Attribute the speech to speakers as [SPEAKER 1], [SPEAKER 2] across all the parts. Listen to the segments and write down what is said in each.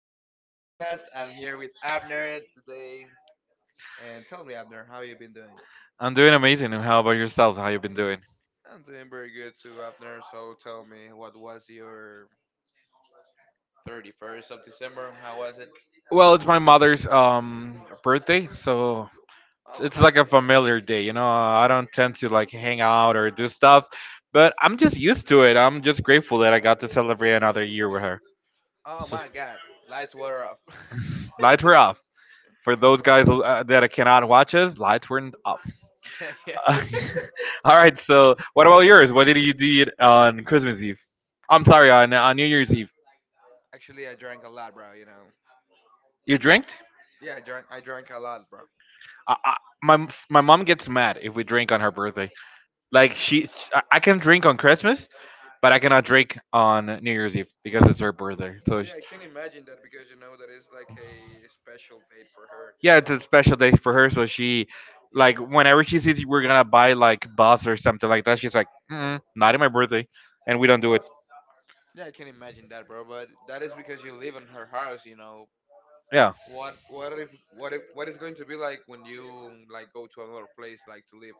[SPEAKER 1] for joining the podcast. I'm here with Abner today. And tell me, Abner, how you been doing?
[SPEAKER 2] I'm doing amazing. And how about yourself? How you been doing?
[SPEAKER 1] I'm doing very good too, Abner. So tell me, what was your 31st of December? How was it?
[SPEAKER 2] Well, it's my mother's birthday, so it's
[SPEAKER 1] Oh,
[SPEAKER 2] it's
[SPEAKER 1] ha-
[SPEAKER 2] like a familiar day. You know, I don't tend to like hang out or do stuff, but I'm just used to it. I'm just grateful that I got to celebrate another year with her.
[SPEAKER 1] Oh my God. Lights were off.
[SPEAKER 2] Lights were off. For those guys that cannot watch us, lights were not off.
[SPEAKER 1] Yeah.
[SPEAKER 2] All right. So, what about yours? What did you do on Christmas Eve? I'm
[SPEAKER 1] Okay,
[SPEAKER 2] sorry, on, New Year's Eve.
[SPEAKER 1] actually, I drank a lot, bro.
[SPEAKER 2] You drinked?
[SPEAKER 1] Yeah, I drank. I drank a lot, bro.
[SPEAKER 2] I, I, my mom gets mad if we drink on her birthday. Like she, I can drink on Christmas, but I cannot drink on New Year's Eve because it's her birthday. So she,
[SPEAKER 1] Yeah, I can imagine that because you know that is like a special date for her.
[SPEAKER 2] yeah, it's a special day for her. So she, like, whenever she sees we're gonna buy like bus or something like that, she's like, not in my birthday, and we don't do it.
[SPEAKER 1] Yeah, I can imagine that, bro. But that is because you live in her house, you know.
[SPEAKER 2] Yeah,
[SPEAKER 1] What what if what if what is going to be like when you like go to another place like to live?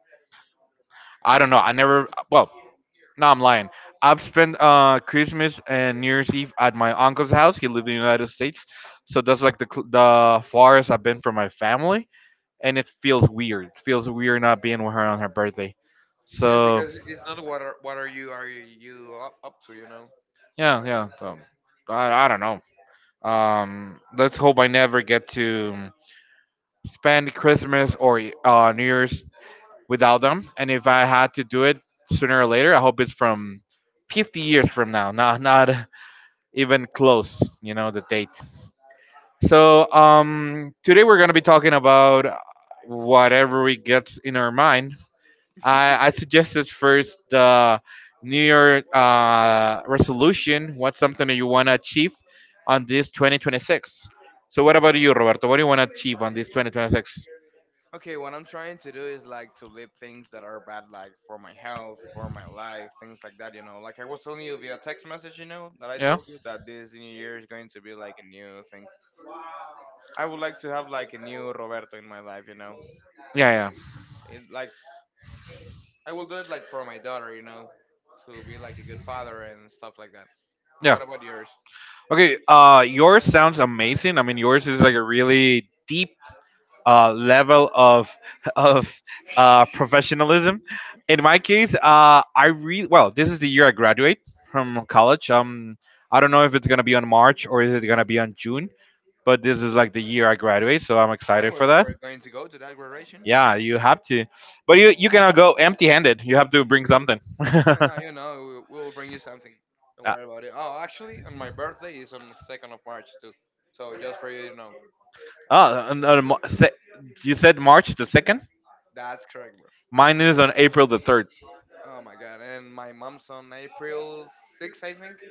[SPEAKER 2] I don't know. I never. No, I'm lying. I've spent Christmas and New Year's Eve at my uncle's house. He lived in the United States, so that's like the the farthest I've been from my family, and it feels weird. It feels weird not being with her on her birthday.
[SPEAKER 1] Yes,
[SPEAKER 2] So
[SPEAKER 1] because it's not what are you are you up to, you know?
[SPEAKER 2] yeah, yeah. So I don't know. Let's hope I never get to spend Christmas or New Year's without them. And if I had to do it sooner or later, I hope it's from 50 years from now, not even close, you know, the date. So today we're going to be talking about whatever we gets in our mind. I suggested first the New Year resolution. What's something that you want to achieve on this 2026? So what about you, Roberto? What do you want to achieve on this 2026?
[SPEAKER 1] Okay, what I'm trying to do is like to live things that are bad, like for my health, for my life, things like that. Like I was telling you via text message, that I
[SPEAKER 2] Yeah,
[SPEAKER 1] told you that this new year is going to be like a new thing. I would like to have like a new Roberto in my life.
[SPEAKER 2] yeah, yeah,
[SPEAKER 1] It, like I will do it like for my daughter, to be like a good father and stuff like that. And
[SPEAKER 2] yeah.
[SPEAKER 1] what about yours?
[SPEAKER 2] Okay, yours sounds amazing. I mean, yours is like a really deep level of of professionalism. In my case, I really well. This is the year I graduate from college. I don't know if it's gonna be on March or is it gonna be on June, but this is like the year I graduate, so I'm
[SPEAKER 1] Hey,
[SPEAKER 2] excited
[SPEAKER 1] we're,
[SPEAKER 2] for that.
[SPEAKER 1] we're going to go to that graduation.
[SPEAKER 2] Yeah, you have to, but you cannot go empty-handed. You have to bring something.
[SPEAKER 1] No, no, we'll bring you something. Don't
[SPEAKER 2] Uh,
[SPEAKER 1] worry about it. Oh, actually, and my birthday is on the 2nd of March too. So just for you to know,
[SPEAKER 2] Oh, and, uh, Mar- se- you said March the second.
[SPEAKER 1] that's correct, bro.
[SPEAKER 2] Mine is on April the third,
[SPEAKER 1] Oh my God. And my mom's on April 6th, I think.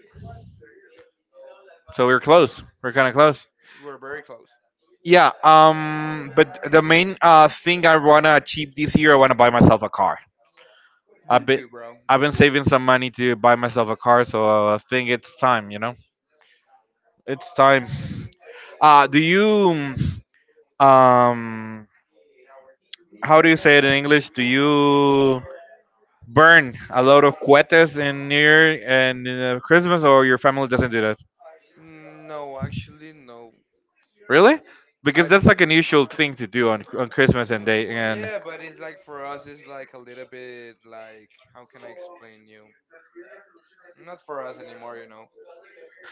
[SPEAKER 2] so we're close. We're kind of close.
[SPEAKER 1] We're very close.
[SPEAKER 2] Yeah, but the main thing I wanna achieve this year, I wanna buy myself a car.
[SPEAKER 1] Me
[SPEAKER 2] I've been
[SPEAKER 1] too, bro.
[SPEAKER 2] I've
[SPEAKER 1] Me
[SPEAKER 2] been
[SPEAKER 1] too.
[SPEAKER 2] saving some money to buy myself a car, so I think it's time. You know, it's time. Do you um, how do you say it in English? Do you burn a lot of cohetes in New Year and Christmas, or your family doesn't do that?
[SPEAKER 1] No, actually, no.
[SPEAKER 2] Really? Because
[SPEAKER 1] I.
[SPEAKER 2] that's like an usual thing to do on Christmas and day and.
[SPEAKER 1] Yeah, but it's like for us, it's like a little bit. Like how can I explain you? Not for us anymore.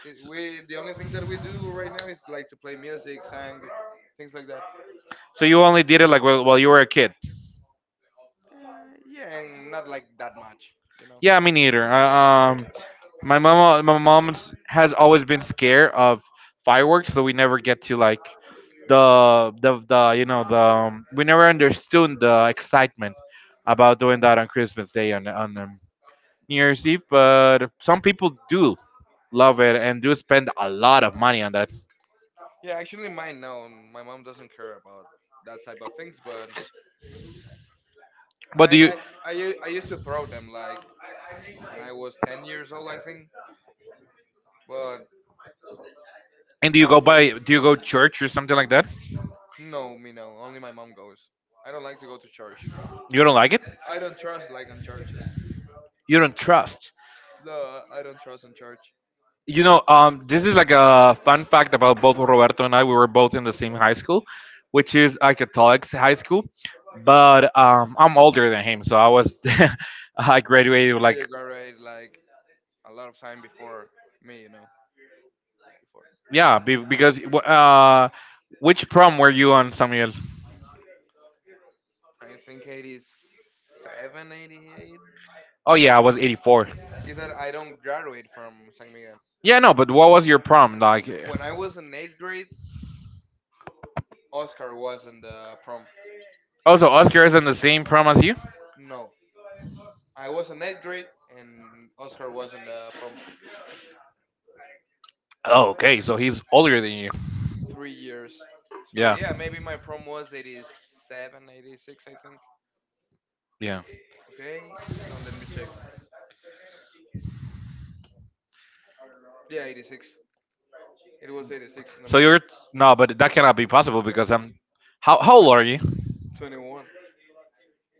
[SPEAKER 1] We the only thing that we do right now is like to play music, sang, things like that.
[SPEAKER 2] So you only did it like while you were a kid?
[SPEAKER 1] Yeah, and not like that much.
[SPEAKER 2] Yeah, me neither. My mom has always been scared of fireworks, so we never get to like the the we never understood the excitement about doing that on Christmas Day and on New Year's Eve. But some people do love it, and do spend a lot of money on that.
[SPEAKER 1] Yeah, actually, mine no, my mom doesn't care about that type of things, but
[SPEAKER 2] But
[SPEAKER 1] I
[SPEAKER 2] do you?
[SPEAKER 1] I I used to throw them like when I was 10 years old, I think. But
[SPEAKER 2] And do you go
[SPEAKER 1] after
[SPEAKER 2] by? Do you go church or something like that?
[SPEAKER 1] no, me no, only my mom goes. I don't like to go to church.
[SPEAKER 2] You don't like it?
[SPEAKER 1] I don't trust like on churches.
[SPEAKER 2] You don't trust?
[SPEAKER 1] No, I don't trust in church.
[SPEAKER 2] You know, this is like a fun fact about both Roberto and I. We were both in the same high school, which is like, a Catholic high school. But I'm older than him, so I was I graduated
[SPEAKER 1] Yeah, you
[SPEAKER 2] like
[SPEAKER 1] graduate like a lot of time before me, you know. Before,
[SPEAKER 2] Yeah, because which prom were you on, Samuel?
[SPEAKER 1] I think 87, 88.
[SPEAKER 2] Oh yeah, I was 84.
[SPEAKER 1] Is that I don't graduate from San Miguel.
[SPEAKER 2] Yeah, no, but what was your prom like?
[SPEAKER 1] When I was in eighth grade, Oscar was in the prom.
[SPEAKER 2] Also, Oscar is in the same prom as you.
[SPEAKER 1] No, I was in eighth grade and Oscar was in the prom
[SPEAKER 2] Oh, okay, so he's older than you.
[SPEAKER 1] 3 years. So
[SPEAKER 2] Yeah.
[SPEAKER 1] yeah, maybe my prom was 87, 86, I think.
[SPEAKER 2] Yeah.
[SPEAKER 1] Okay, no, let me check. Yeah, 86. It was 86 in the
[SPEAKER 2] So
[SPEAKER 1] mine.
[SPEAKER 2] you're no, but that cannot be possible because I'm. How old are you?
[SPEAKER 1] 21.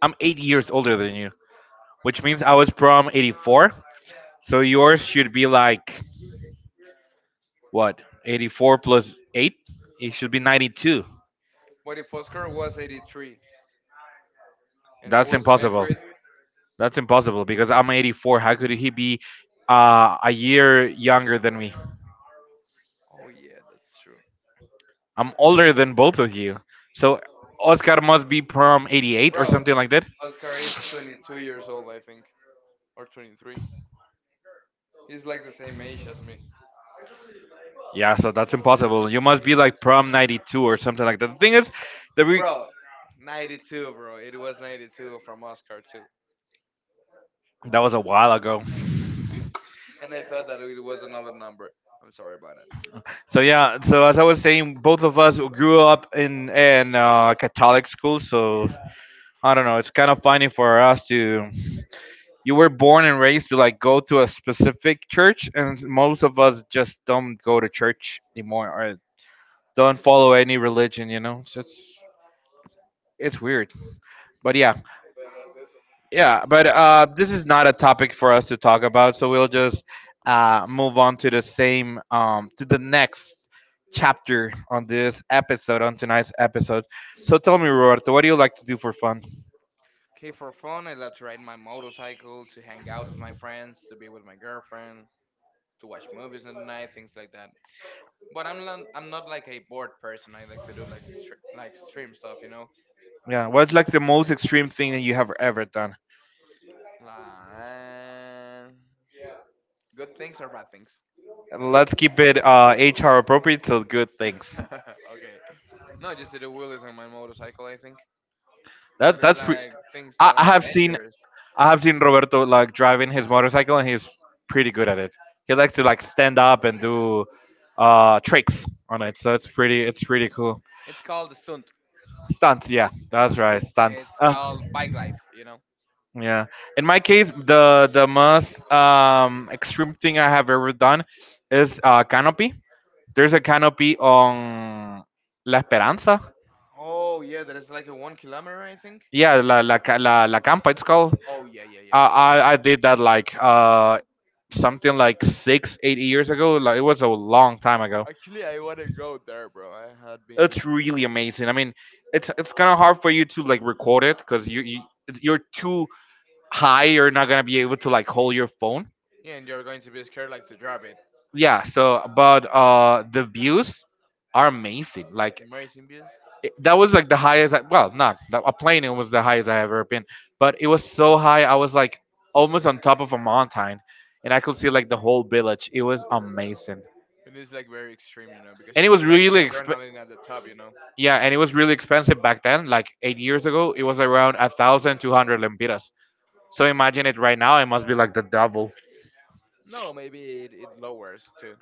[SPEAKER 2] I'm 8 years older than you, which means I was prom '84. So yours should be like What? 84 plus 8? It should be 92.
[SPEAKER 1] But if Oscar was 83 and I
[SPEAKER 2] That's
[SPEAKER 1] was in eighth
[SPEAKER 2] impossible.
[SPEAKER 1] grade,
[SPEAKER 2] That's impossible because I'm 84. How could he be a year younger than me?
[SPEAKER 1] oh yeah, that's true.
[SPEAKER 2] I'm older than both of you. So Oscar must be prom 88 or
[SPEAKER 1] Bro,
[SPEAKER 2] something like that.
[SPEAKER 1] Oscar is 22 years old, I think, or 23. He's like the same age as me.
[SPEAKER 2] Yeah, so that's impossible. You must be like prom 92 or something like that. The thing is, that we
[SPEAKER 1] Bro, 92, bro. It was 92 from Oscar, too.
[SPEAKER 2] that was a while ago.
[SPEAKER 1] And I thought that it was another number. I'm sorry about that.
[SPEAKER 2] So yeah, so as I was saying, both of us grew up in Catholic school. So I don't know. It's kind of funny for us to. You were born and raised to like go to a specific church, and most of us just don't go to church anymore or don't follow any religion. You know, so it's weird. But yeah, yeah. But this is not a topic for us to talk about, so we'll just move on to the same to the next chapter on this episode on tonight's episode. So tell me, Roberto, what do you like to do for fun?
[SPEAKER 1] Okay, for fun, I love to ride my motorcycle, to hang out with my friends, to be with my girlfriend, to watch movies in the night, things like that. But I'm not like a bored person. I like to do like stream stuff.
[SPEAKER 2] Yeah, what's like the most extreme thing that you have ever done?
[SPEAKER 1] Like, good things or bad things?
[SPEAKER 2] Let's keep it HR appropriate, so good things.
[SPEAKER 1] Okay. No, just to the wheelies on my motorcycle, I think. That is
[SPEAKER 2] That's pretty.
[SPEAKER 1] like things
[SPEAKER 2] I,
[SPEAKER 1] that
[SPEAKER 2] I
[SPEAKER 1] are
[SPEAKER 2] have seen
[SPEAKER 1] dangerous.
[SPEAKER 2] I have seen Roberto like driving his motorcycle, and he's pretty good at it. He likes to like stand up and do tricks on it,
[SPEAKER 1] Tricks,
[SPEAKER 2] so
[SPEAKER 1] tricks.
[SPEAKER 2] it's pretty cool.
[SPEAKER 1] It's called the stunt.
[SPEAKER 2] Stunts, yeah, that's
[SPEAKER 1] Stunt.
[SPEAKER 2] right, stunts.
[SPEAKER 1] It's called bike life, you know?
[SPEAKER 2] Yeah. In my case, the most extreme thing I have ever done is canopy. There's a canopy on La Esperanza.
[SPEAKER 1] Oh, yeah, that is like a 1 kilometer, I think.
[SPEAKER 2] Yeah, la campa. It's called.
[SPEAKER 1] Oh, yeah, yeah, yeah.
[SPEAKER 2] I did that like something like 6 8 years ago. Like it was a long time ago.
[SPEAKER 1] Actually, I want to go there, bro. I had
[SPEAKER 2] It's
[SPEAKER 1] been.
[SPEAKER 2] really amazing. I mean, it's kind of hard for you to like record it because you're too high. You're not gonna be able to like hold your phone.
[SPEAKER 1] Yeah, and you're going to be scared like to drop it.
[SPEAKER 2] Yeah, so but the views are amazing like
[SPEAKER 1] Amazing views.
[SPEAKER 2] that was like the highest well not that, a plane. It was the highest I ever been, but it was so high I was like almost on top of a mountain, and I could see like the whole village. It was amazing.
[SPEAKER 1] It is like very extreme, because
[SPEAKER 2] And
[SPEAKER 1] you
[SPEAKER 2] it was
[SPEAKER 1] feel like the
[SPEAKER 2] really exp-
[SPEAKER 1] adrenaline at the top, you know?
[SPEAKER 2] Yeah, and it was really expensive back then, like 8 years ago. It was around 1,200 lempiras, so imagine it right now. It must be like the double.
[SPEAKER 1] No, maybe it lowers too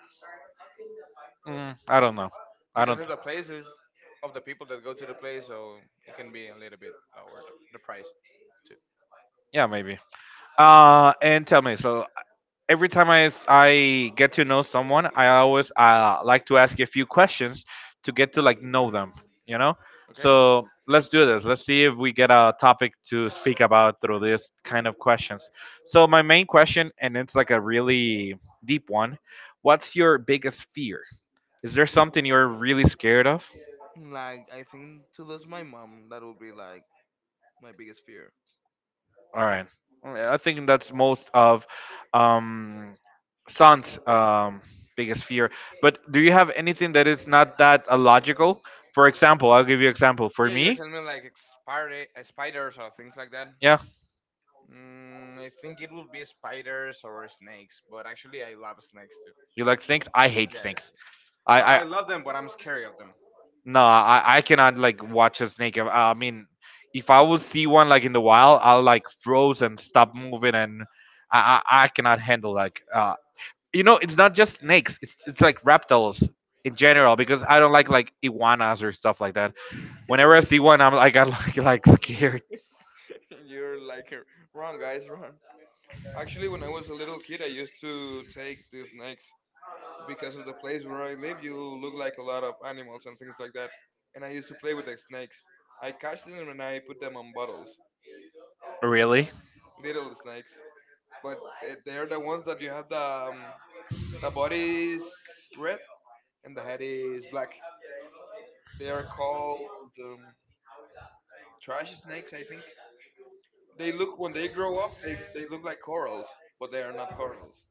[SPEAKER 2] I don't know. I
[SPEAKER 1] because
[SPEAKER 2] don't
[SPEAKER 1] of the places, of the people that go to the place, so it can be a little bit lower the price too.
[SPEAKER 2] Yeah, maybe. And tell me, so every time I get to know someone, I always like to ask a few questions to get to like know them. You know,
[SPEAKER 1] Okay.
[SPEAKER 2] so let's do this. Let's see if we get a topic to speak about through this kind of questions. So my main question, and it's like a really deep one. What's your biggest fear? Is there something you're really scared of?
[SPEAKER 1] Like, I think to lose my mom, that would be like my biggest fear.
[SPEAKER 2] All right. I think that's most of um, Son's biggest fear. But do you have anything that is not that illogical? For example, I'll give you example. For
[SPEAKER 1] Yeah, you're
[SPEAKER 2] me,
[SPEAKER 1] telling me like spiders or things like that.
[SPEAKER 2] yeah,
[SPEAKER 1] I think it would be spiders or snakes, but actually I love snakes too.
[SPEAKER 2] you like snakes? I hate
[SPEAKER 1] Yeah.
[SPEAKER 2] snakes.
[SPEAKER 1] No,
[SPEAKER 2] I
[SPEAKER 1] I love them, but I'm scared of them.
[SPEAKER 2] no, I cannot like watch a snake. I mean, if I will see one like in the wild, I'll like froze and stop moving, and I cannot handle like you know it's not just snakes, it's like reptiles in general because I don't like iguanas or stuff like that. Whenever I see one I'm like I got like, like scared.
[SPEAKER 1] You're like wrong, guys, wrong. Actually, when I was a little kid, I used to take these snakes because of the place where I live, you look like a lot of animals and things like that. And I used to play with the snakes. I catch them and I put them on bottles,
[SPEAKER 2] Really?
[SPEAKER 1] little snakes. But they're the ones that you have the body is red and the head is black. They are called um, trash snakes, I think. They look when they grow up, they look like corals, but they are not corals.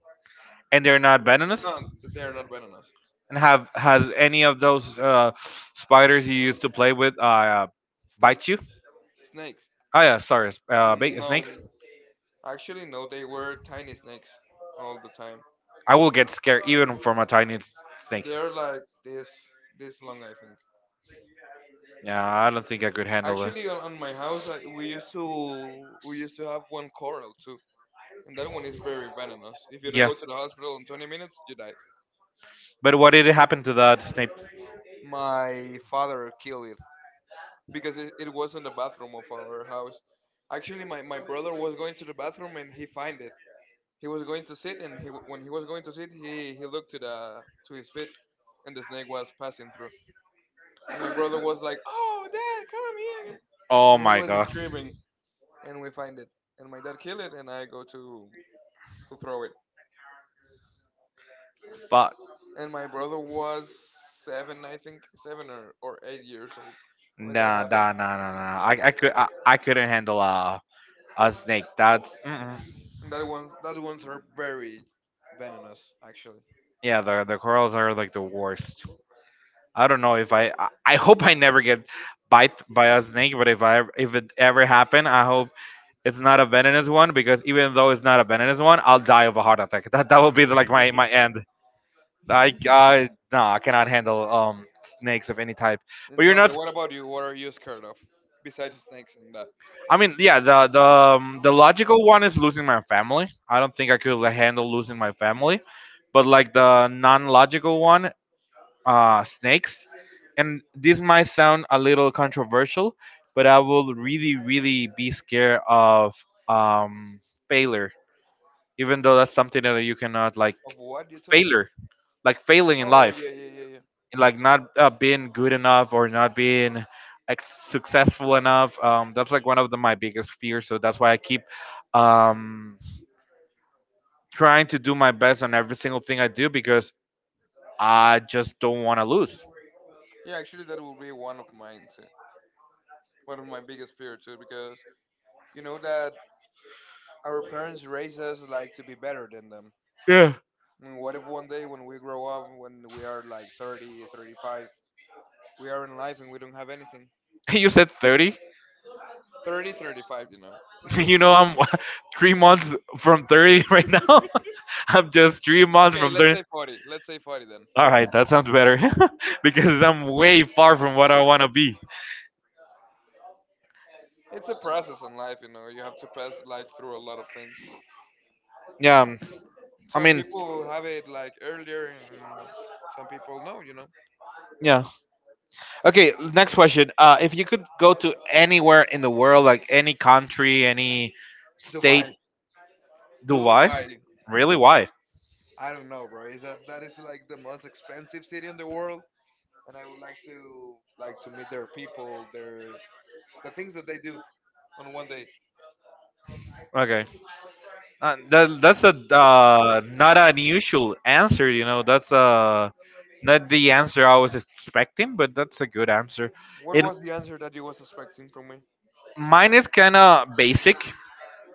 [SPEAKER 2] And they're not venomous.
[SPEAKER 1] No, they are not venomous.
[SPEAKER 2] And have has any of those spiders you used to play with bite
[SPEAKER 1] Snakes,
[SPEAKER 2] you?
[SPEAKER 1] snakes. No,
[SPEAKER 2] Snakes.
[SPEAKER 1] actually, no. They were tiny snakes all the time.
[SPEAKER 2] I will get scared even from a tiny s- snake.
[SPEAKER 1] They're like this long, I think.
[SPEAKER 2] Yeah, I don't think I could handle it.
[SPEAKER 1] Actually, on my house, we used to have one coral too, and that one is very venomous. If you don't
[SPEAKER 2] Yeah.
[SPEAKER 1] go to the hospital in 20 minutes, you die.
[SPEAKER 2] But what did happen to that Snape?
[SPEAKER 1] My father killed it because it was in the bathroom of our house. Actually, my brother was going to the bathroom and he find it. He was going to sit, and when he was going to sit, he looked to the to his feet, and the snake was passing through. And my brother was like, "Oh, dad, come here!"
[SPEAKER 2] Oh
[SPEAKER 1] And he
[SPEAKER 2] my
[SPEAKER 1] was
[SPEAKER 2] god.
[SPEAKER 1] screaming. And we find it. And my dad killed it, and I go to throw it.
[SPEAKER 2] Fuck.
[SPEAKER 1] And my brother was 7, I think, 7 or 8 years old when that
[SPEAKER 2] Nah,
[SPEAKER 1] happened.
[SPEAKER 2] nah, nah, nah, nah. nah. I couldn't handle a snake. That's, mm-mm.
[SPEAKER 1] And that ones are very venomous, actually.
[SPEAKER 2] Yeah. The, corals are like the worst. I don't know if I hope I never get bite by a snake. But if it ever happened, I hope it's not a venomous one, because even though it's not a venomous one, I'll die of a heart attack. That will be like my end. I no, I cannot handle snakes of any type.
[SPEAKER 1] And
[SPEAKER 2] But you're
[SPEAKER 1] tell me,
[SPEAKER 2] not.
[SPEAKER 1] what about you? What are you scared of besides snakes and that?
[SPEAKER 2] I mean, yeah, the the logical one is losing my family. I don't think I could like handle losing my family, but like the non-logical one, snakes. And this might sound a little controversial, but I will really, really be scared of um failure. Even though that's something that you cannot like
[SPEAKER 1] Of what you told me?
[SPEAKER 2] failure, like failing in
[SPEAKER 1] Oh
[SPEAKER 2] life.
[SPEAKER 1] yeah, yeah, yeah, yeah.
[SPEAKER 2] Like not being good enough or not being, like, successful enough. That's like one of the, my biggest fears. So that's why I keep um, trying to do my best on every single thing I do because I just don't want to lose.
[SPEAKER 1] Yeah, actually, that will be one of mine too. One of my biggest fear too, because you know that our parents raise us like to be better than them.
[SPEAKER 2] Yeah.
[SPEAKER 1] And what if one day when we grow up, when we are like 30, 35, we are in life and we don't have anything?
[SPEAKER 2] You said 30?
[SPEAKER 1] 30, 35.
[SPEAKER 2] I'm three months from 30 right now. I'm just three months
[SPEAKER 1] Okay,
[SPEAKER 2] from
[SPEAKER 1] let's
[SPEAKER 2] 30.
[SPEAKER 1] say 40. Let's say 40 then.
[SPEAKER 2] All right, that sounds better because I'm way far from what I want to be.
[SPEAKER 1] It's a process in life, you know. You have to pass like through a lot of things.
[SPEAKER 2] Yeah, I
[SPEAKER 1] Some
[SPEAKER 2] mean,
[SPEAKER 1] people have it like earlier and some people no.
[SPEAKER 2] yeah. Okay, next question. If you could go to anywhere in the world, like any country, any state,
[SPEAKER 1] Dubai.
[SPEAKER 2] Dubai?
[SPEAKER 1] Dubai.
[SPEAKER 2] Really? Why?
[SPEAKER 1] I don't know, bro. Is that is like the most expensive city in the world, and I would like to meet their people, the things that they do on one day.
[SPEAKER 2] Okay. That, that's a not an unusual answer. That's not the answer I was expecting, but that's a good answer.
[SPEAKER 1] What
[SPEAKER 2] It,
[SPEAKER 1] was the answer that you was expecting from me?
[SPEAKER 2] mine is kind of basic.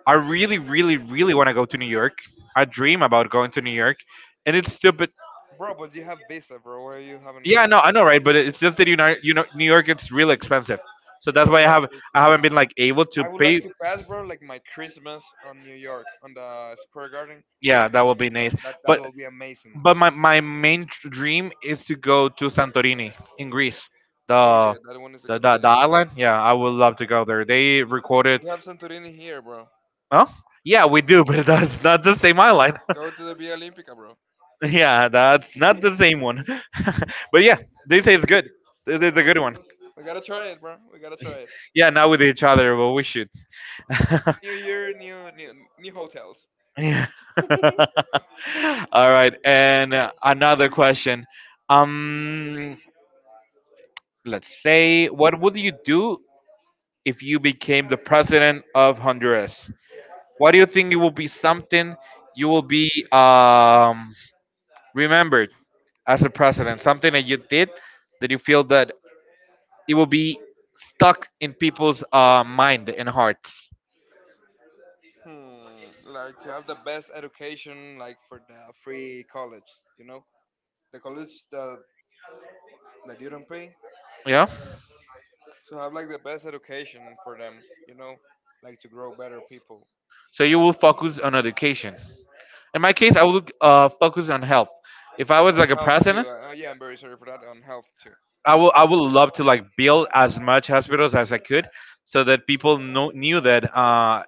[SPEAKER 2] I really, really, really want to go to New York. I dream about going to New York, and it's stupid.
[SPEAKER 1] Bro, but you have visa, bro. Where you haven't go?
[SPEAKER 2] Yeah, no, I know, right? But it's just that New York it's really expensive, so that's
[SPEAKER 1] Oh
[SPEAKER 2] why I
[SPEAKER 1] yeah,
[SPEAKER 2] have,
[SPEAKER 1] sure.
[SPEAKER 2] I haven't been like able to
[SPEAKER 1] I would like
[SPEAKER 2] pay.
[SPEAKER 1] to pass, bro, like my Christmas on New York, on the Square Garden.
[SPEAKER 2] Yeah, that will be
[SPEAKER 1] You know
[SPEAKER 2] nice.
[SPEAKER 1] that that
[SPEAKER 2] But
[SPEAKER 1] will be amazing.
[SPEAKER 2] but my main dream is to go to Santorini in Greece,
[SPEAKER 1] Oh
[SPEAKER 2] the
[SPEAKER 1] yeah, that one is a good place.
[SPEAKER 2] the island. Yeah, I would love to go there. They recorded.
[SPEAKER 1] We have Santorini here, bro.
[SPEAKER 2] Oh, yeah, we do, but that's not the same island.
[SPEAKER 1] Go to the Via Olympica, bro.
[SPEAKER 2] Yeah, that's not the same one. But yeah, they say it's good. It's a good one.
[SPEAKER 1] We gotta try it, bro. We gotta try it.
[SPEAKER 2] Yeah, not with each other, but we should.
[SPEAKER 1] New year, new hotels.
[SPEAKER 2] Yeah. All right. And another question. Um, let's say, what would you do if you became the president of Honduras? What do you think it will be something you will be, remembered as a president? Something that you did that you feel that it will be stuck in people's mind and hearts.
[SPEAKER 1] Like to have the best education, like for the free college, the college that you don't pay,
[SPEAKER 2] Yeah.
[SPEAKER 1] to have like the best education for them, like to grow better people
[SPEAKER 2] So you will focus on education. In my case, I would focus on health. If I was
[SPEAKER 1] on
[SPEAKER 2] like a
[SPEAKER 1] health too.
[SPEAKER 2] president,
[SPEAKER 1] Yeah, I'm very sorry for that on health too.
[SPEAKER 2] I would love to like build as much hospitals as I could, so that people know, knew that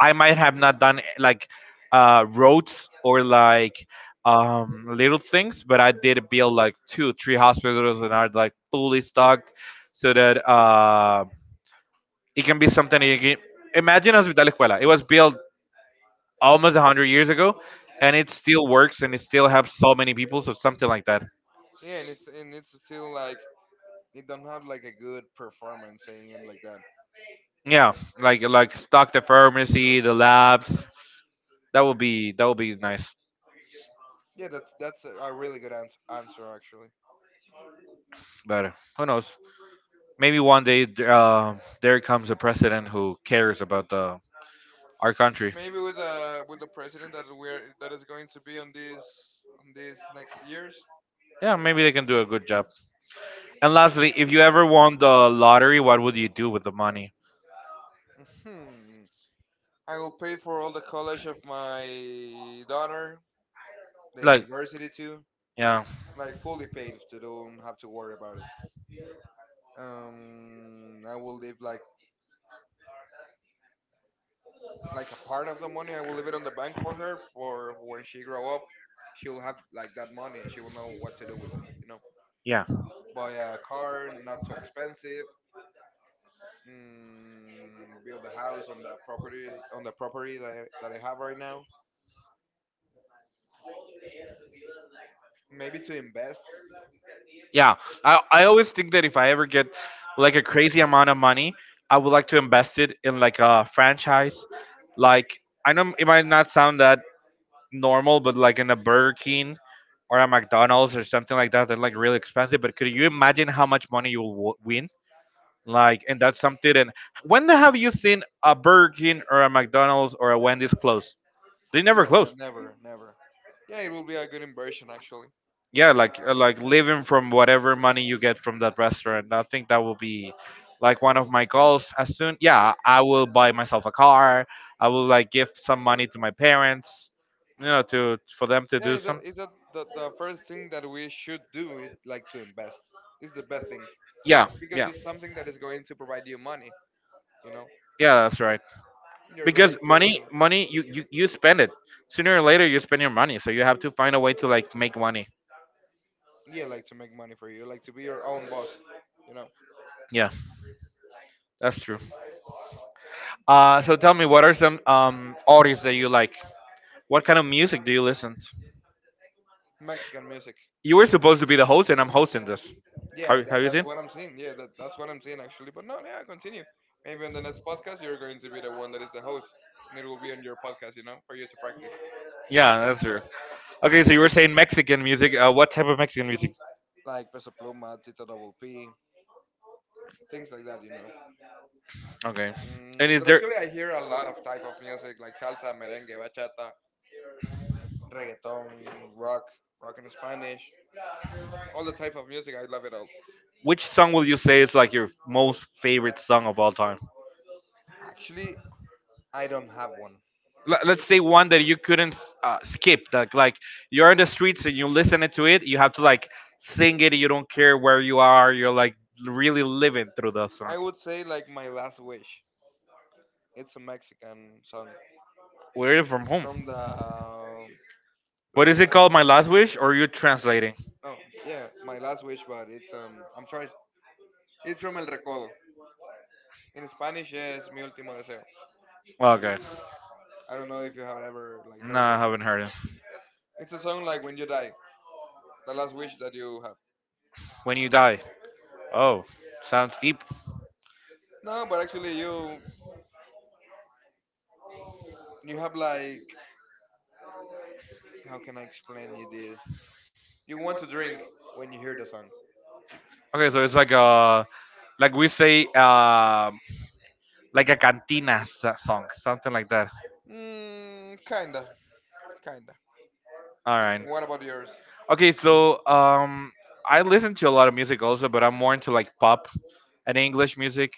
[SPEAKER 2] I might have not done like roads or like little things, but I did build like two, three hospitals that are like fully stocked, so that it can be something that you can, imagine Hospital Escuela. It was built almost hundred years ago, and it still works and it still helps so many people. So something like that.
[SPEAKER 1] Yeah, and it's still like they don't have like a good performance saying it like that.
[SPEAKER 2] Yeah, like stock the pharmacy, the labs. That would be, that would be nice.
[SPEAKER 1] Yeah, that's a really good answer actually.
[SPEAKER 2] But who knows? Maybe one day there comes a president who cares about the, our country.
[SPEAKER 1] Maybe with the president that is going to be on these next years.
[SPEAKER 2] Yeah, maybe they can do a good job. And lastly, if you ever won the lottery, what would you do with the money?
[SPEAKER 1] Hmm. I will pay for all the college of my daughter, the
[SPEAKER 2] Like,
[SPEAKER 1] university too,
[SPEAKER 2] yeah,
[SPEAKER 1] like fully paid, so they don't have to worry about it. I will leave like a part of the money. I will leave it on the bank for her for when she grow up, she'll have like that money and she will know what to do with it.
[SPEAKER 2] yeah.
[SPEAKER 1] Buy a car, not too expensive. Build a house on the property that I have right now. Maybe to invest.
[SPEAKER 2] Yeah, I always think that if I ever get like a crazy amount of money, I would like to invest it in like a franchise. Like, I know it might not sound that normal, but like in a Burger King or a McDonald's or something like that, they're like really expensive. But could you imagine how much money you will win? Like, and that's something. And when have you seen a Burger King or a McDonald's or a Wendy's close? They never
[SPEAKER 1] Yeah, no,
[SPEAKER 2] close.
[SPEAKER 1] never, never. Yeah, it will be a good inversion actually.
[SPEAKER 2] Yeah, like living from whatever money you get from that restaurant, I think that will be like one of my goals. As soon, yeah, I will buy myself a car, I will like give some money to my parents, you know, to, for them to
[SPEAKER 1] Yeah,
[SPEAKER 2] do
[SPEAKER 1] is that,
[SPEAKER 2] some,
[SPEAKER 1] is that the first thing that we should do? It like to invest. It's the best thing.
[SPEAKER 2] yeah,
[SPEAKER 1] Because
[SPEAKER 2] yeah,
[SPEAKER 1] it's something that is going to provide you money, you know,
[SPEAKER 2] yeah, that's right.
[SPEAKER 1] you're
[SPEAKER 2] Because
[SPEAKER 1] going
[SPEAKER 2] money
[SPEAKER 1] to.
[SPEAKER 2] money you you spend it, sooner or later you spend your money, so you have to find a way to like make money.
[SPEAKER 1] Yeah, like to make money for you, like to be your own boss, you know.
[SPEAKER 2] Yeah, that's true. So tell me, what are some artists that you like? What kind of music do you listen to?
[SPEAKER 1] Mexican music.
[SPEAKER 2] You were supposed to be the host, and I'm hosting this.
[SPEAKER 1] Yeah,
[SPEAKER 2] Have
[SPEAKER 1] that,
[SPEAKER 2] you
[SPEAKER 1] that's
[SPEAKER 2] seen?
[SPEAKER 1] what I'm seeing. Yeah, that's what I'm seeing actually. But no, yeah, continue. Maybe on the next podcast you're going to be the one that is the host, and it will be on your podcast, you know, for you to practice.
[SPEAKER 2] Yeah, that's true. Okay, so you were saying Mexican music. What type of Mexican music?
[SPEAKER 1] Like Peso Pluma, Tito Double P, things like that, you know.
[SPEAKER 2] Okay. And is
[SPEAKER 1] It's
[SPEAKER 2] there.
[SPEAKER 1] actually, I hear a lot of type of music like salsa, merengue, bachata, reggaeton, rock, rock in Spanish. All the type of music, I love it all.
[SPEAKER 2] Which song will you say is like your most favorite song of all time?
[SPEAKER 1] Actually, I don't have one.
[SPEAKER 2] Let's say one that you couldn't skip. Like you're in the streets and you listen to it. You have to like sing it. You don't care where you are. You're like really living through the
[SPEAKER 1] I
[SPEAKER 2] song.
[SPEAKER 1] would say like my last wish. It's a Mexican song. It's
[SPEAKER 2] Where are you from home?
[SPEAKER 1] from the Los
[SPEAKER 2] What is it called?
[SPEAKER 1] Recodos.
[SPEAKER 2] My last wish, or are you translating?
[SPEAKER 1] No, yeah, my last wish, but it's I'm trying. It's from El Recodo. In Spanish, it's Mi último deseo.
[SPEAKER 2] Okay.
[SPEAKER 1] I don't know if you have ever like
[SPEAKER 2] No,
[SPEAKER 1] heard
[SPEAKER 2] I
[SPEAKER 1] it.
[SPEAKER 2] haven't heard it.
[SPEAKER 1] It's a song like when you die, the last wish that you have.
[SPEAKER 2] When you die. Oh, sounds deep.
[SPEAKER 1] No, but actually, you have like, how can I explain you this? You want to drink when you hear the song.
[SPEAKER 2] Okay, so it's like a, like we say, like a cantina song, something like that.
[SPEAKER 1] Mm, kinda, kinda.
[SPEAKER 2] All right.
[SPEAKER 1] What about yours?
[SPEAKER 2] Okay, so I listen to a lot of music also, but I'm more into like pop and English music.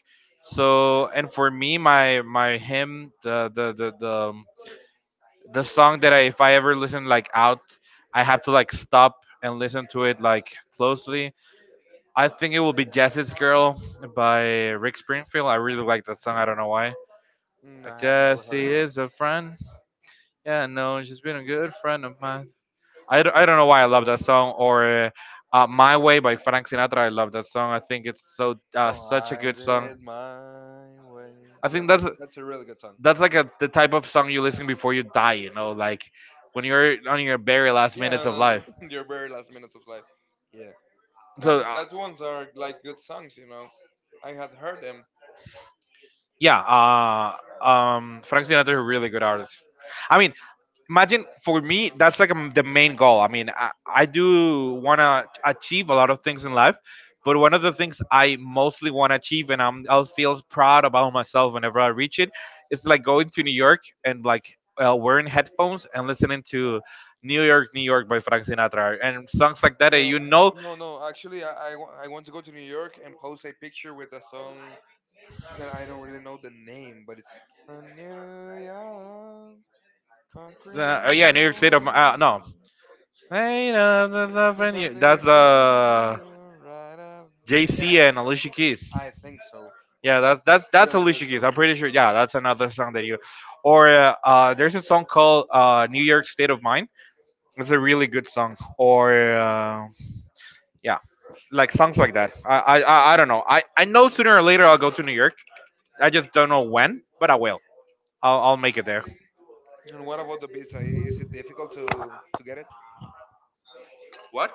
[SPEAKER 2] So, and for me, my hymn, the song that I, if I ever listen like out, I have to like stop and listen to it like closely. I think it will be Jessie's Girl by Rick Springfield. I really like that song. I don't know why.
[SPEAKER 1] Mm,
[SPEAKER 2] Like
[SPEAKER 1] I had never heard
[SPEAKER 2] Jessie
[SPEAKER 1] it.
[SPEAKER 2] is a friend. Yeah, no, she's been a good friend of mine. I don't know why I love that song. Or My Way by Frank Sinatra. I love that song. I think it's so
[SPEAKER 1] Oh,
[SPEAKER 2] such a
[SPEAKER 1] I
[SPEAKER 2] good
[SPEAKER 1] did
[SPEAKER 2] song.
[SPEAKER 1] it my way.
[SPEAKER 2] I
[SPEAKER 1] Yeah,
[SPEAKER 2] think that's
[SPEAKER 1] that's a really good song.
[SPEAKER 2] that's like a, the type of song you listen before you die. You know, like when you're on your very last
[SPEAKER 1] Yeah,
[SPEAKER 2] minutes of
[SPEAKER 1] on
[SPEAKER 2] life.
[SPEAKER 1] on your very last minutes of life. Yeah. No,
[SPEAKER 2] So
[SPEAKER 1] but that ones are like good songs, you know. I had heard them.
[SPEAKER 2] yeah, Frank Sinatra is a really good artist. I mean, imagine, for me, that's like the main goal. I mean, I do want to achieve a lot of things in life, but one of the things I mostly want to achieve, and I'll feel proud about myself whenever I reach it, is like going to New York and like wearing headphones and listening to New York, New York by Frank Sinatra and songs like that.
[SPEAKER 1] Yeah.
[SPEAKER 2] You know,
[SPEAKER 1] No, no. Actually, I want to go to New York and post a picture with a song that I don't really know the name, but it's "A New York, concrete road,
[SPEAKER 2] yeah, New York
[SPEAKER 1] your
[SPEAKER 2] State of,
[SPEAKER 1] world is
[SPEAKER 2] no,
[SPEAKER 1] gone,
[SPEAKER 2] hey, no, no, no,
[SPEAKER 1] there's
[SPEAKER 2] no, no,
[SPEAKER 1] nothing you
[SPEAKER 2] that's
[SPEAKER 1] can do right up."
[SPEAKER 2] JC and Alicia Keys.
[SPEAKER 1] I think so. But
[SPEAKER 2] Yeah, that's
[SPEAKER 1] that's
[SPEAKER 2] that's
[SPEAKER 1] a
[SPEAKER 2] that's
[SPEAKER 1] really good
[SPEAKER 2] Alicia Keys.
[SPEAKER 1] song.
[SPEAKER 2] I'm pretty sure. Yeah, that's another song that you. Or there's a song called New York State of Mind. It's a really good song. Or yeah, like songs like that. I don't know. I know sooner or later I'll go to New York. I just don't know when, but I will. I'll make it there.
[SPEAKER 1] And what about the visa? Is it difficult to get it?
[SPEAKER 2] What?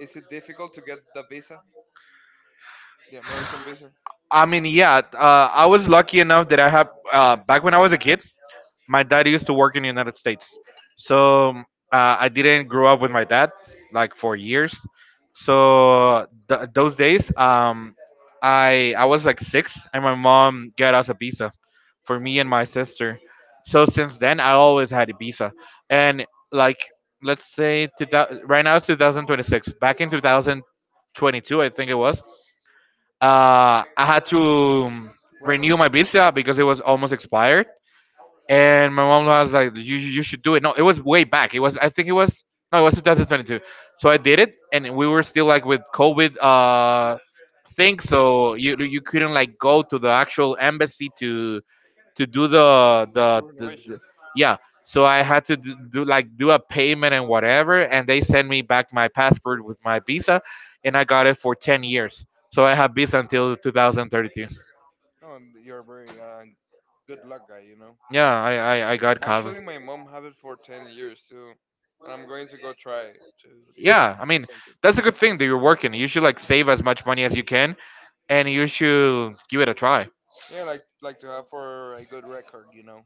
[SPEAKER 1] Is it difficult to get the visa, the American visa?
[SPEAKER 2] I mean, yeah, I was lucky enough that I have, back when I was a kid, my dad used to work in the United States, so I didn't grow up with my dad like for years. So those days, I was like six, and my mom got us a visa for me and my sister. So since then, I always had a visa, and like, let's say right now it's 2026. Back in 2022, I think it was. I had to um, renew my
[SPEAKER 1] Renovated,
[SPEAKER 2] visa because it was almost expired and my mom was like, You should do it." No, it was way back. It was I think it was no, It was 2022. So I did it, and we were still like with COVID thing, so you couldn't like go to the actual embassy to do
[SPEAKER 1] the renovation.
[SPEAKER 2] the, yeah. So I had to do like do a payment and whatever, and they sent me back my passport with my visa, and I got it for 10 years. So I have visa until 2032.
[SPEAKER 1] Oh, and you're very good luck guy, you know.
[SPEAKER 2] Yeah, I got covered.
[SPEAKER 1] Actually, my mom have it for 10 years too, and I'm going to go try
[SPEAKER 2] Yeah, I
[SPEAKER 1] to
[SPEAKER 2] mean,
[SPEAKER 1] take it.
[SPEAKER 2] that's a good thing that you're working. You should like save as much money as you can and you should give it a try.
[SPEAKER 1] Yeah, like to have for a good record, you know.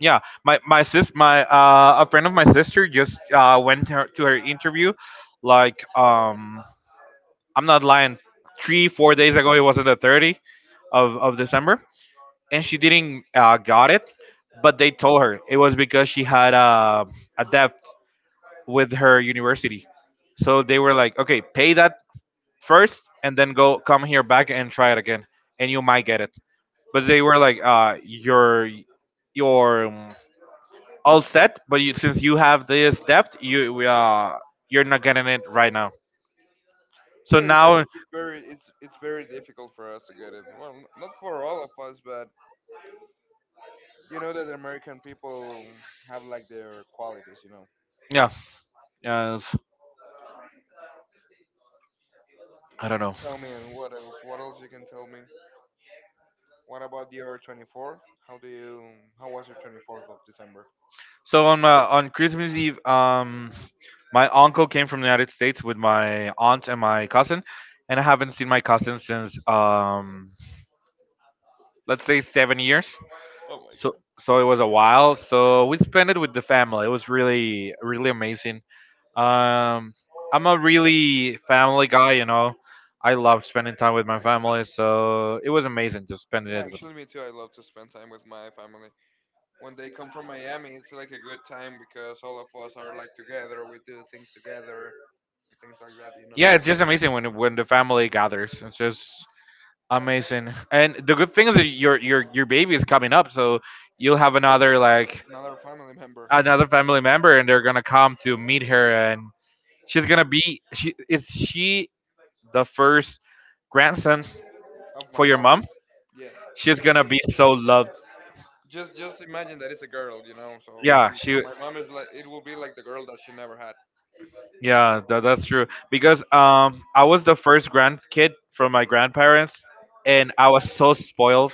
[SPEAKER 2] Yeah, my sis my a friend of my sister just went to her interview, like I'm not lying, 3-4 days ago. It was on the 30th of December, and she didn't got it, but they told her it was because she had a debt with her university. So they were like, okay, pay that first and then go come here back and try it again and you might get it. But they were like, you're you're um, all set, but you, since you have this depth you're not getting it right now. So
[SPEAKER 1] Yeah, It's
[SPEAKER 2] now.
[SPEAKER 1] it's very, it's very difficult for us to get it. Well, not for all of us, but you know that American people have like their qualities, you know.
[SPEAKER 2] Yeah. Yes. I don't know.
[SPEAKER 1] Tell me, and what else? What else you can tell me? What about your 24th? How do you? How was your 24th of December?
[SPEAKER 2] So on Christmas Eve, my uncle came from the United States with my aunt and my cousin, and I haven't seen my cousin since, let's say, 7 years.
[SPEAKER 1] Oh my
[SPEAKER 2] so
[SPEAKER 1] god.
[SPEAKER 2] so it was a while. So we spent it with the family. It was really, really amazing. um I'm a really family guy, you know. I love spending time with my family, so it was amazing just spending
[SPEAKER 1] Yeah,
[SPEAKER 2] it with.
[SPEAKER 1] actually, me too. I love to spend time with my family. When they come from Miami, it's like a good time because all of us are like together. We do things together and things like that, you know.
[SPEAKER 2] Yeah, it's just amazing when the family gathers. It's just amazing. And the good thing is that your baby is coming up, so you'll have another, like,
[SPEAKER 1] Another family member
[SPEAKER 2] another family member, and they're gonna come to meet her. And she's gonna be she is she the first grandson
[SPEAKER 1] of my
[SPEAKER 2] for your
[SPEAKER 1] mom.
[SPEAKER 2] mom.
[SPEAKER 1] Yeah, it's
[SPEAKER 2] She's
[SPEAKER 1] the
[SPEAKER 2] gonna
[SPEAKER 1] first.
[SPEAKER 2] be so loved.
[SPEAKER 1] Just imagine that it's a girl, you know, so
[SPEAKER 2] Yeah,
[SPEAKER 1] and for
[SPEAKER 2] she.
[SPEAKER 1] my mom is like, it will be like the girl that she never had.
[SPEAKER 2] Yeah, that's true. Because I was the first grandkid from my grandparents, and I was so spoiled.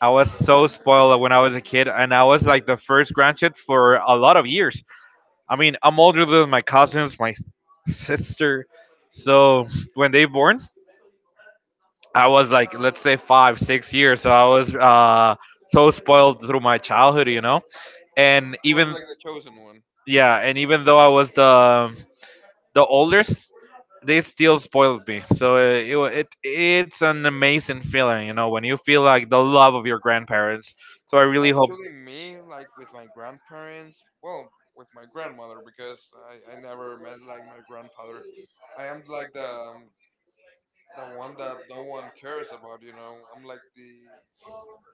[SPEAKER 2] I was so spoiled when I was a kid, and I was like the first grandkid for a lot of years. I mean, I'm older than my cousins, my sister. So when they born, I was, like, let's say five, 6 years. So I was so spoiled through my childhood, you know. And
[SPEAKER 1] He was
[SPEAKER 2] even.
[SPEAKER 1] like the chosen one.
[SPEAKER 2] Yeah, and even though I was the oldest, they still spoiled me. So it, wa- it it's an amazing feeling, you know, when you feel like the love of your grandparents. So I really hope.
[SPEAKER 1] Actually, me, like with my grandparents, well, with my grandmother, because I never met like my grandfather. I am like the one that no one cares about, you know. I'm like the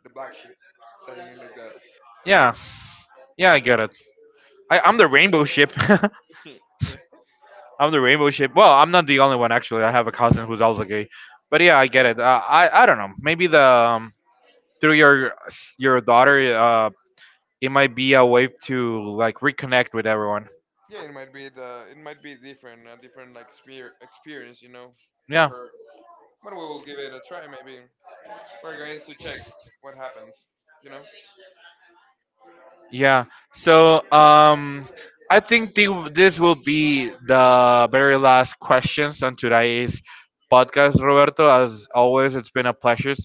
[SPEAKER 1] the black sheep, saying it like that.
[SPEAKER 2] Yeah, yeah, I get it. I'm the rainbow ship.
[SPEAKER 1] Yeah,
[SPEAKER 2] I'm the rainbow ship. Well, I'm not the only one, actually. I have a cousin who's also gay. But yeah, I get it. I don't know. Maybe the through your daughter, it might be a way to, like, reconnect with everyone.
[SPEAKER 1] yeah. It might be the, it might be different, a different like spear experience, you know, for
[SPEAKER 2] Yeah.
[SPEAKER 1] her. But we will give it a try. Maybe we're going to check what happens, you know.
[SPEAKER 2] Yeah. So I think this will be the very last questions on today's podcast, Roberto. As always, it's been a pleasure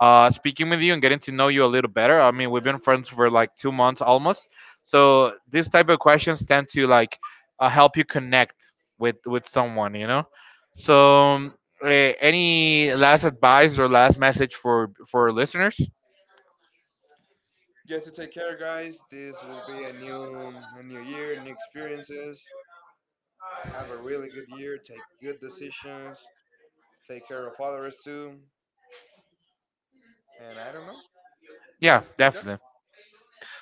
[SPEAKER 2] speaking with you and getting to know you a little better. I mean, we've been friends for like 2 months almost. So these type of questions tend to, like, help you connect with someone, you know. So any last advice or last message for listeners?
[SPEAKER 1] Just to take care, guys. This will be a new, a new year, new experiences. Have a really good year. Take good decisions. Take care of others too. And I don't know,
[SPEAKER 2] Yeah,
[SPEAKER 1] just like that.
[SPEAKER 2] definitely.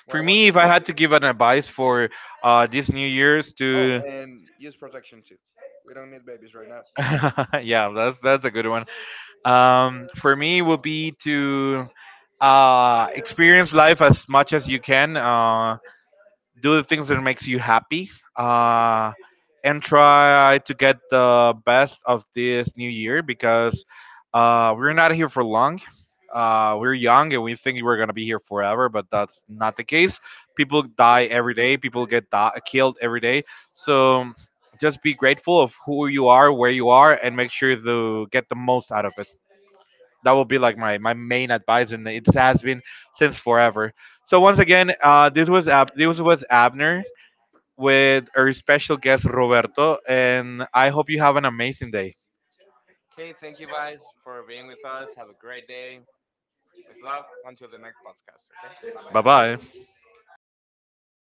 [SPEAKER 1] What
[SPEAKER 2] For
[SPEAKER 1] about
[SPEAKER 2] me,
[SPEAKER 1] you?
[SPEAKER 2] if I had to give an advice for this New Year's
[SPEAKER 1] Oh,
[SPEAKER 2] to.
[SPEAKER 1] and use protection too. We don't need babies right now.
[SPEAKER 2] Yeah, that's a good one. For me, would be to experience life as much as you can. Do the things that makes you happy uh, and try to get the best of this new year, because we're not here for long. Uh, we're young, and we think we're going to be here forever, but that's not the case. People
[SPEAKER 1] Yeah.
[SPEAKER 2] die every day. People get killed every day. So just be grateful of who you are, where you are, and make sure to get the most out of it. That will be like my main advice, and it has been since forever. So once again, this was Abner with our special guest Roberto, and I hope you have an amazing day.
[SPEAKER 1] Okay, thank you guys for being with us. Have a great day. With love, until the next podcast, okay? Bye
[SPEAKER 2] Bye
[SPEAKER 1] bye.
[SPEAKER 2] bye.